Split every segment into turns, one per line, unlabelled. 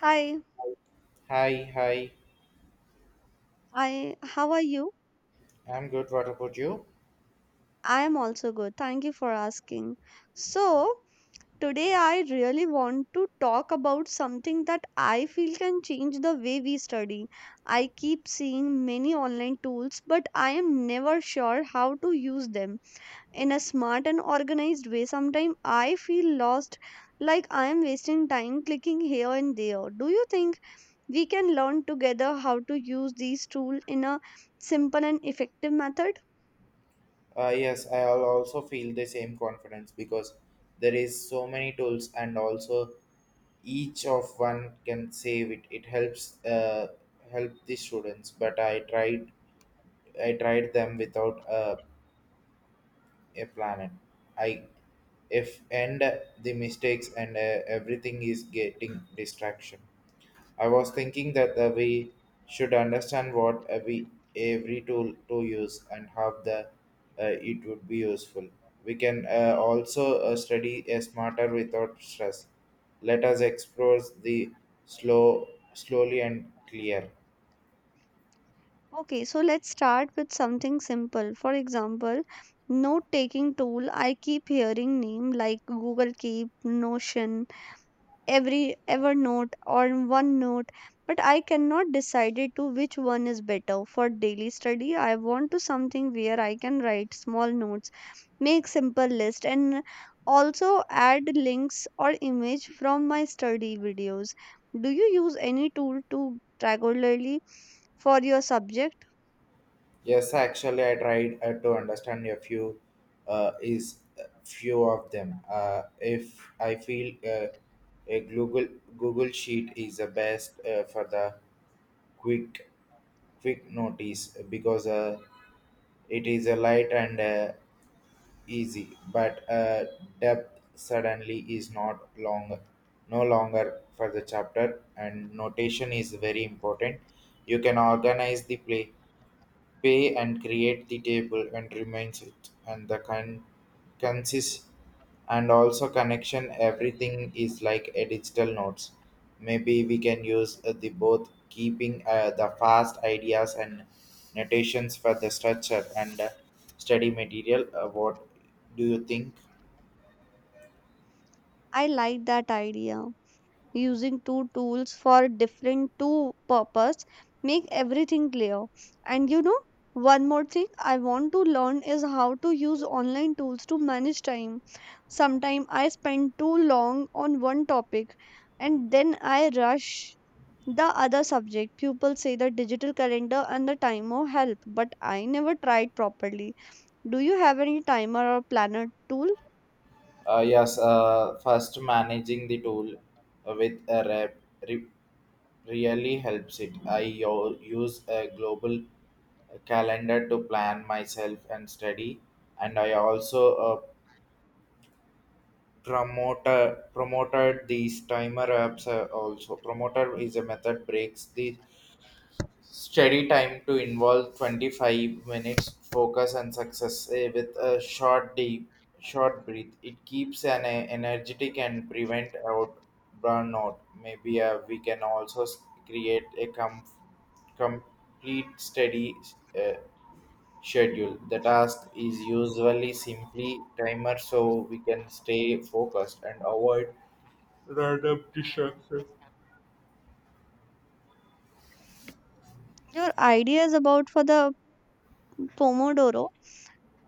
Hi,
Hi, hi.
I how are you?
I'm good. What about you?
I am also good. Thank you for asking. So, today I really want to talk about something that I feel can change the way we study. I keep seeing many online tools, but I am never sure how to use them in a smart and organized way. Sometimes I feel lost, like I am wasting time clicking here and there. Do you think we can learn together how to use these tools in a simple and effective method?
Yes, I'll also feel the same confidence because there is so many tools and also each of one can save it. It helps help the students, but I tried them without a plan. I If end the mistakes and everything is getting distraction. I was thinking that we should understand what every tool to use and how the it would be useful. We can also study a smarter without stress. Let us explore the slowly and clear.
Okay, so let's start with something simple. For example, note taking tool. I keep hearing name like Google Keep, Notion, every Evernote or OneNote, but I cannot decide it to which one is better. For daily study, I want to something where I can write small notes, make simple list and also add links or image from my study videos. Do you use any tool to regularly for your subject?
Yes, actually, I tried to understand a few is few of them. If I feel a Google sheet is the best for the quick quick notice because it is a light and easy but depth suddenly is not long no longer for the chapter, and notation is very important. You can organize the play pay and create the table and remains it and consist and also connection. Everything is like a digital notes. Maybe we can use the both, keeping the fast ideas and notations for the structure and study material. What do you think?
I like that idea. Using two tools for different two purpose make everything clear. And you know, one more thing I want to learn is how to use online tools to manage time. Sometimes I spend too long on one topic and then I rush the other subject. People say the digital calendar and the timer help, but I never tried properly. Do you have any timer or planner tool?
Yes, first managing the tool with a re- really helps it. I use a global calendar to plan myself and study, and I also promoter promoted these timer apps. Also, promoter is a method breaks the study time to involve 25 minutes focus and success with a short breath. It keeps an energetic and prevent out burnout. Maybe we can also create a complete study uh, schedule. The task is usually simply timer, so we can stay focused and avoid random distractions.
Your ideas about for the Pomodoro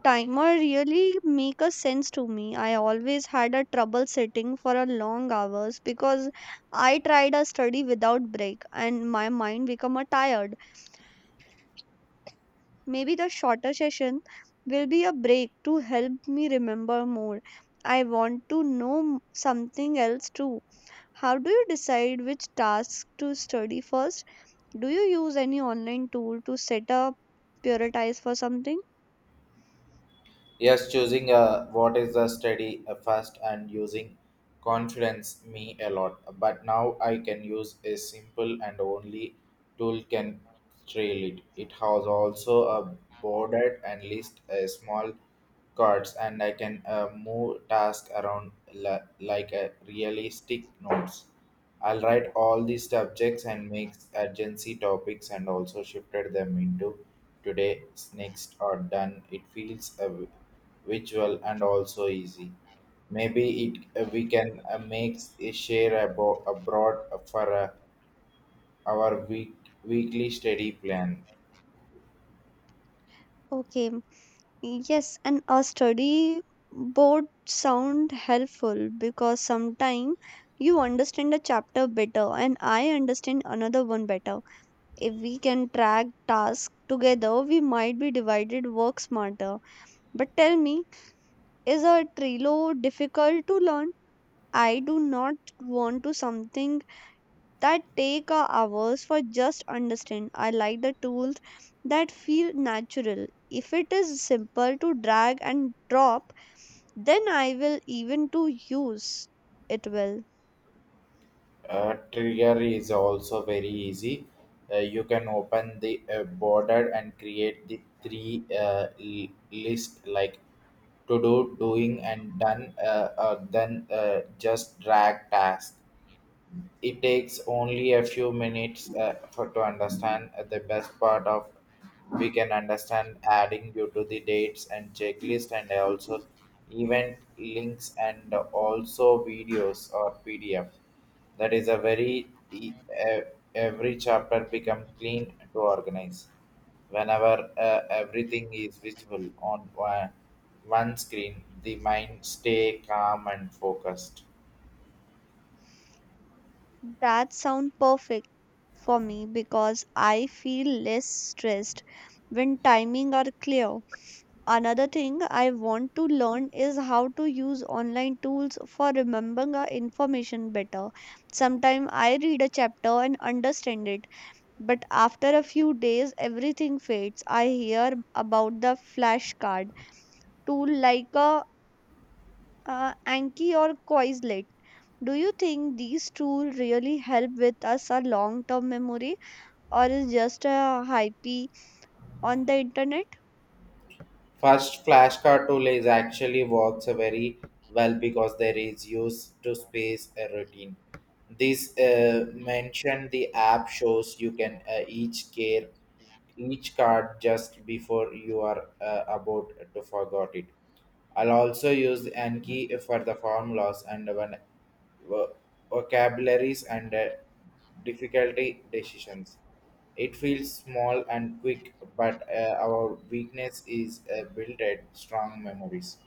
timer really make a sense to me. I always had a trouble sitting for a long hours because I tried a study without break and my mind become a tired. Maybe the shorter session will be a break to help me remember more. I want to know something else too. How do you decide which tasks to study first? Do you use any online tool to set up prioritize for something?
Yes, choosing a what is a study a fast, and using confidence me a lot. But now I can use a simple and only tool can trail it. It has also a bordered and list a small cards, and I can move task around like a realistic notes. I'll write all these subjects and make urgency topics and also shifted them into today, next, or done. It feels a visual and also easy. Maybe it we can make a share about abroad for our weekly study plan.
Okay, yes, and a study board sound helpful because sometimes you understand a chapter better and I understand another one better. If we can track tasks together, we might be divided work smarter. But tell me, is a Trello difficult to learn? I do not want to something that take a hours for just understand. I like the tools that feel natural. If it is simple to drag and drop, then I will even to use it well.
Trigger is also very easy. You can open the border and create the three list, like to do, doing, and done. Then Just drag task. It takes only a few minutes for to understand. The best part of we can understand adding due to the dates and checklist and also event links and also videos or PDF. That is a very every chapter become clean to organize. Whenever everything is visible on one screen, the mind stay calm and focused.
That sound perfect for me because I feel less stressed when timing are clear. Another thing I want to learn is how to use online tools for remembering our information better. Sometimes I read a chapter and understand it, but after a few days everything fades. I hear about the flashcard tool like a Anki or Quizlet. Do you think these tools really help with us our long term memory or is just a hype on the internet?
First, flashcard tool is actually works very well because there is use to space a routine. This mention the app shows you can each card just before you are about to forget it. I'll also use Anki for the formulas and when vo- vocabularies and difficulty decisions. It feels small and quick, but our weakness is built at strong memories.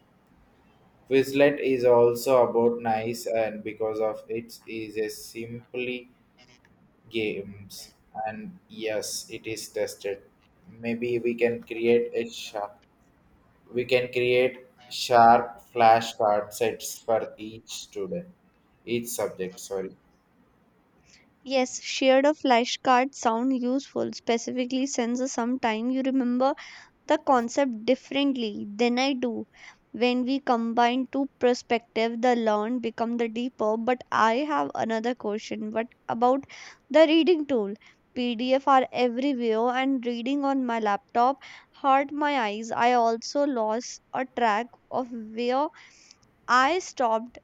Quizlet is also about nice, and because of it is a simply games. And yes, it is tested. Maybe we can create a sharp. We can create sharp flashcard sets for each student, each subject. Sorry.
Yes, shared a flashcard sound useful, specifically since the sometime you remember the concept differently than I do. When we combine two perspectives, the learn become the deeper. But I have another question. What about the reading tool? PDF are everywhere, and reading on my laptop hurt my eyes. I also lost a track of where I stopped.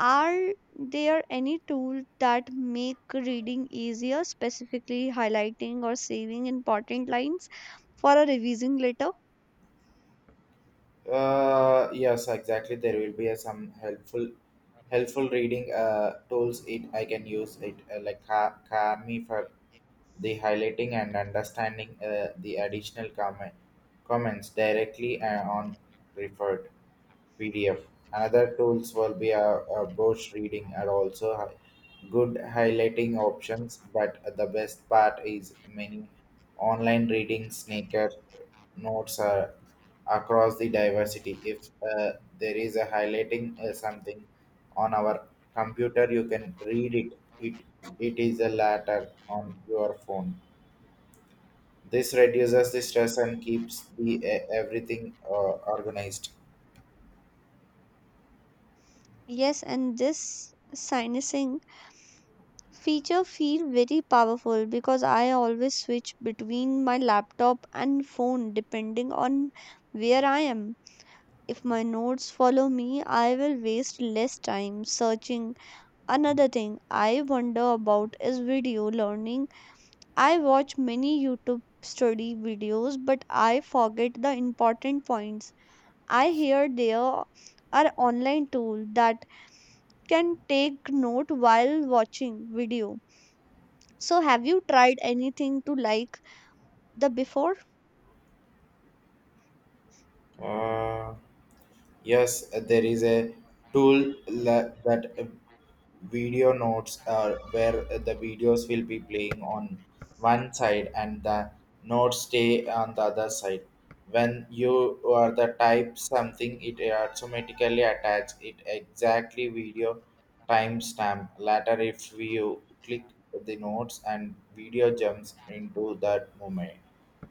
Are there any tools that make reading easier, specifically highlighting or saving important lines for a revising later?
Yes, exactly. There will be some helpful reading tools. It I can use it like Kami for the highlighting and understanding the additional comments directly on referred PDF. Another tools will be a browse reading and also good highlighting options. But the best part is many online reading sneaker notes are across the diversity. If there is a highlighting something on our computer, you can read it. It it is a letter on your phone. This reduces the stress and keeps the everything organized.
Yes, and this syncing feature feel very powerful because I always switch between my laptop and phone depending on where I am. If my notes follow me, I will waste less time searching. Another thing I wonder about is video learning. I watch many YouTube study videos, but I forget the important points. I hear there are online tools that can take note while watching video. So have you tried anything to like the before?
Uh, yes, there is a tool that video notes are where the videos will be playing on one side and the notes stay on the other side. When you are the type something, it automatically attach it exactly video timestamp. Later, if you click the notes and video jumps into that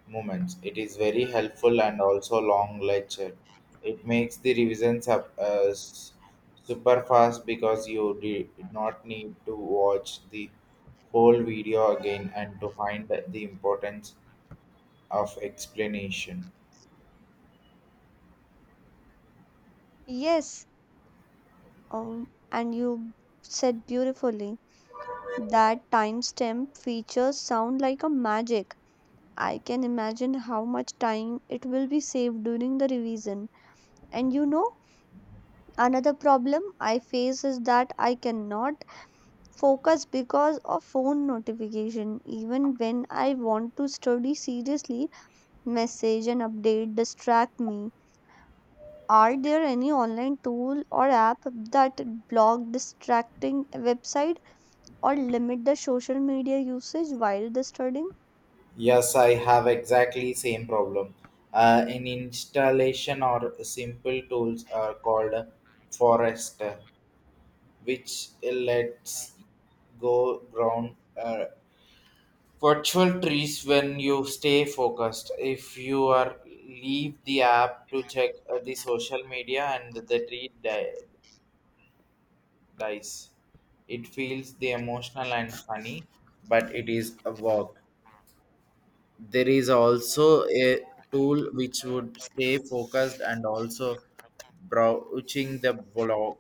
moments. It is very helpful and also long lecture. It makes the revisions up super fast because you did not need to watch the whole video again and to find the importance of explanation.
Yes, um, and you said beautifully that timestamp features sound like a magic. I can imagine how much time it will be saved during the revision. And you know, another problem I face is that I cannot focus because of phone notification even when I want to study seriously message and update distract me. Are there any online tool or app that block distracting website or limit the social media usage while the studying?
Yes, I have exactly same problem. In installation or simple tools are called forest, which lets go ground virtual trees when you stay focused. If you are leave the app to check the social media, and the tree dies, it feels the emotional and funny, but it is a work. There is also a tool which would stay focused and also broaching the block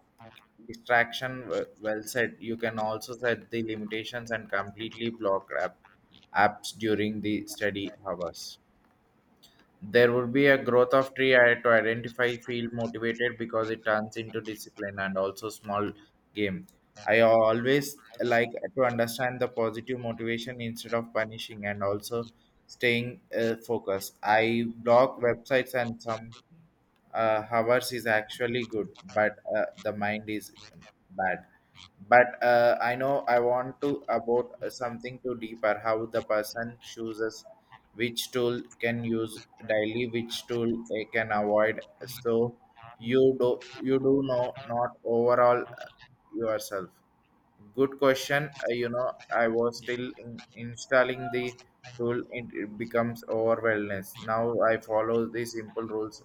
distraction, well said. You can also set the limitations and completely block apps during the study hours. There would be a growth of tree, I had to identify, feel motivated, because it turns into discipline and also small game. I always like to understand the positive motivation instead of punishing and also staying focused. I block websites and some hours is actually good, but the mind is bad. But I know I want to about something to deeper, how the person chooses which tool can use daily, which tool they can avoid. So you do know not overall yourself. Good question. I was still installing the tool. It becomes overwhelmness. Now I follow the simple rules.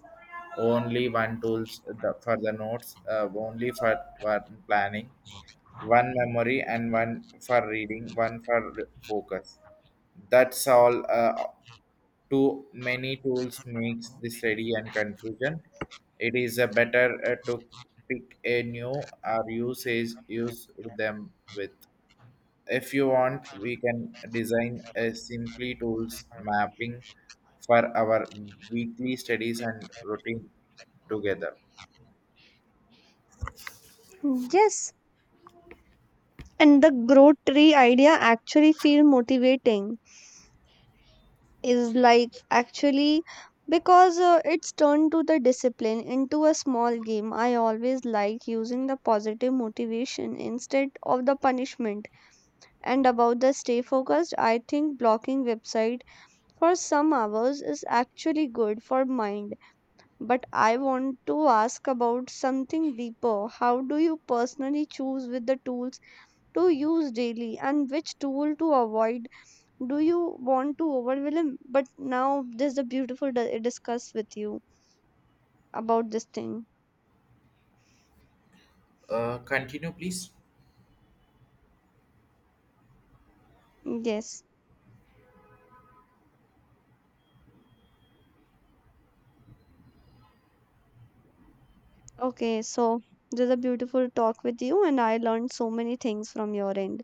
Only one tools for the notes. Only for one planning, one memory, and one for reading, one for focus. That's all. Too many tools makes the study and confusion. It is a better to pick a new or use them with. If you want, we can design a simply tools mapping for our weekly studies and routine together.
Yes, and the grow tree idea actually feel motivating is like actually because it's turned to the discipline into a small game. I always like using the positive motivation instead of the punishment. And about the stay focused, I think blocking website for some hours is actually good for mind, but I want to ask about something deeper. How do you personally choose with the tools to use daily and which tool to avoid? Do you want to overwhelm? But now there's a beautiful discuss with you about this thing.
Continue, please.
Yes, okay, so there's a beautiful talk with you and I learned so many things from your end,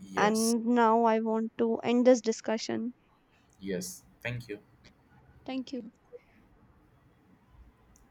Yes,
and now I want to end this discussion.
yes. Thank you.
Thank you.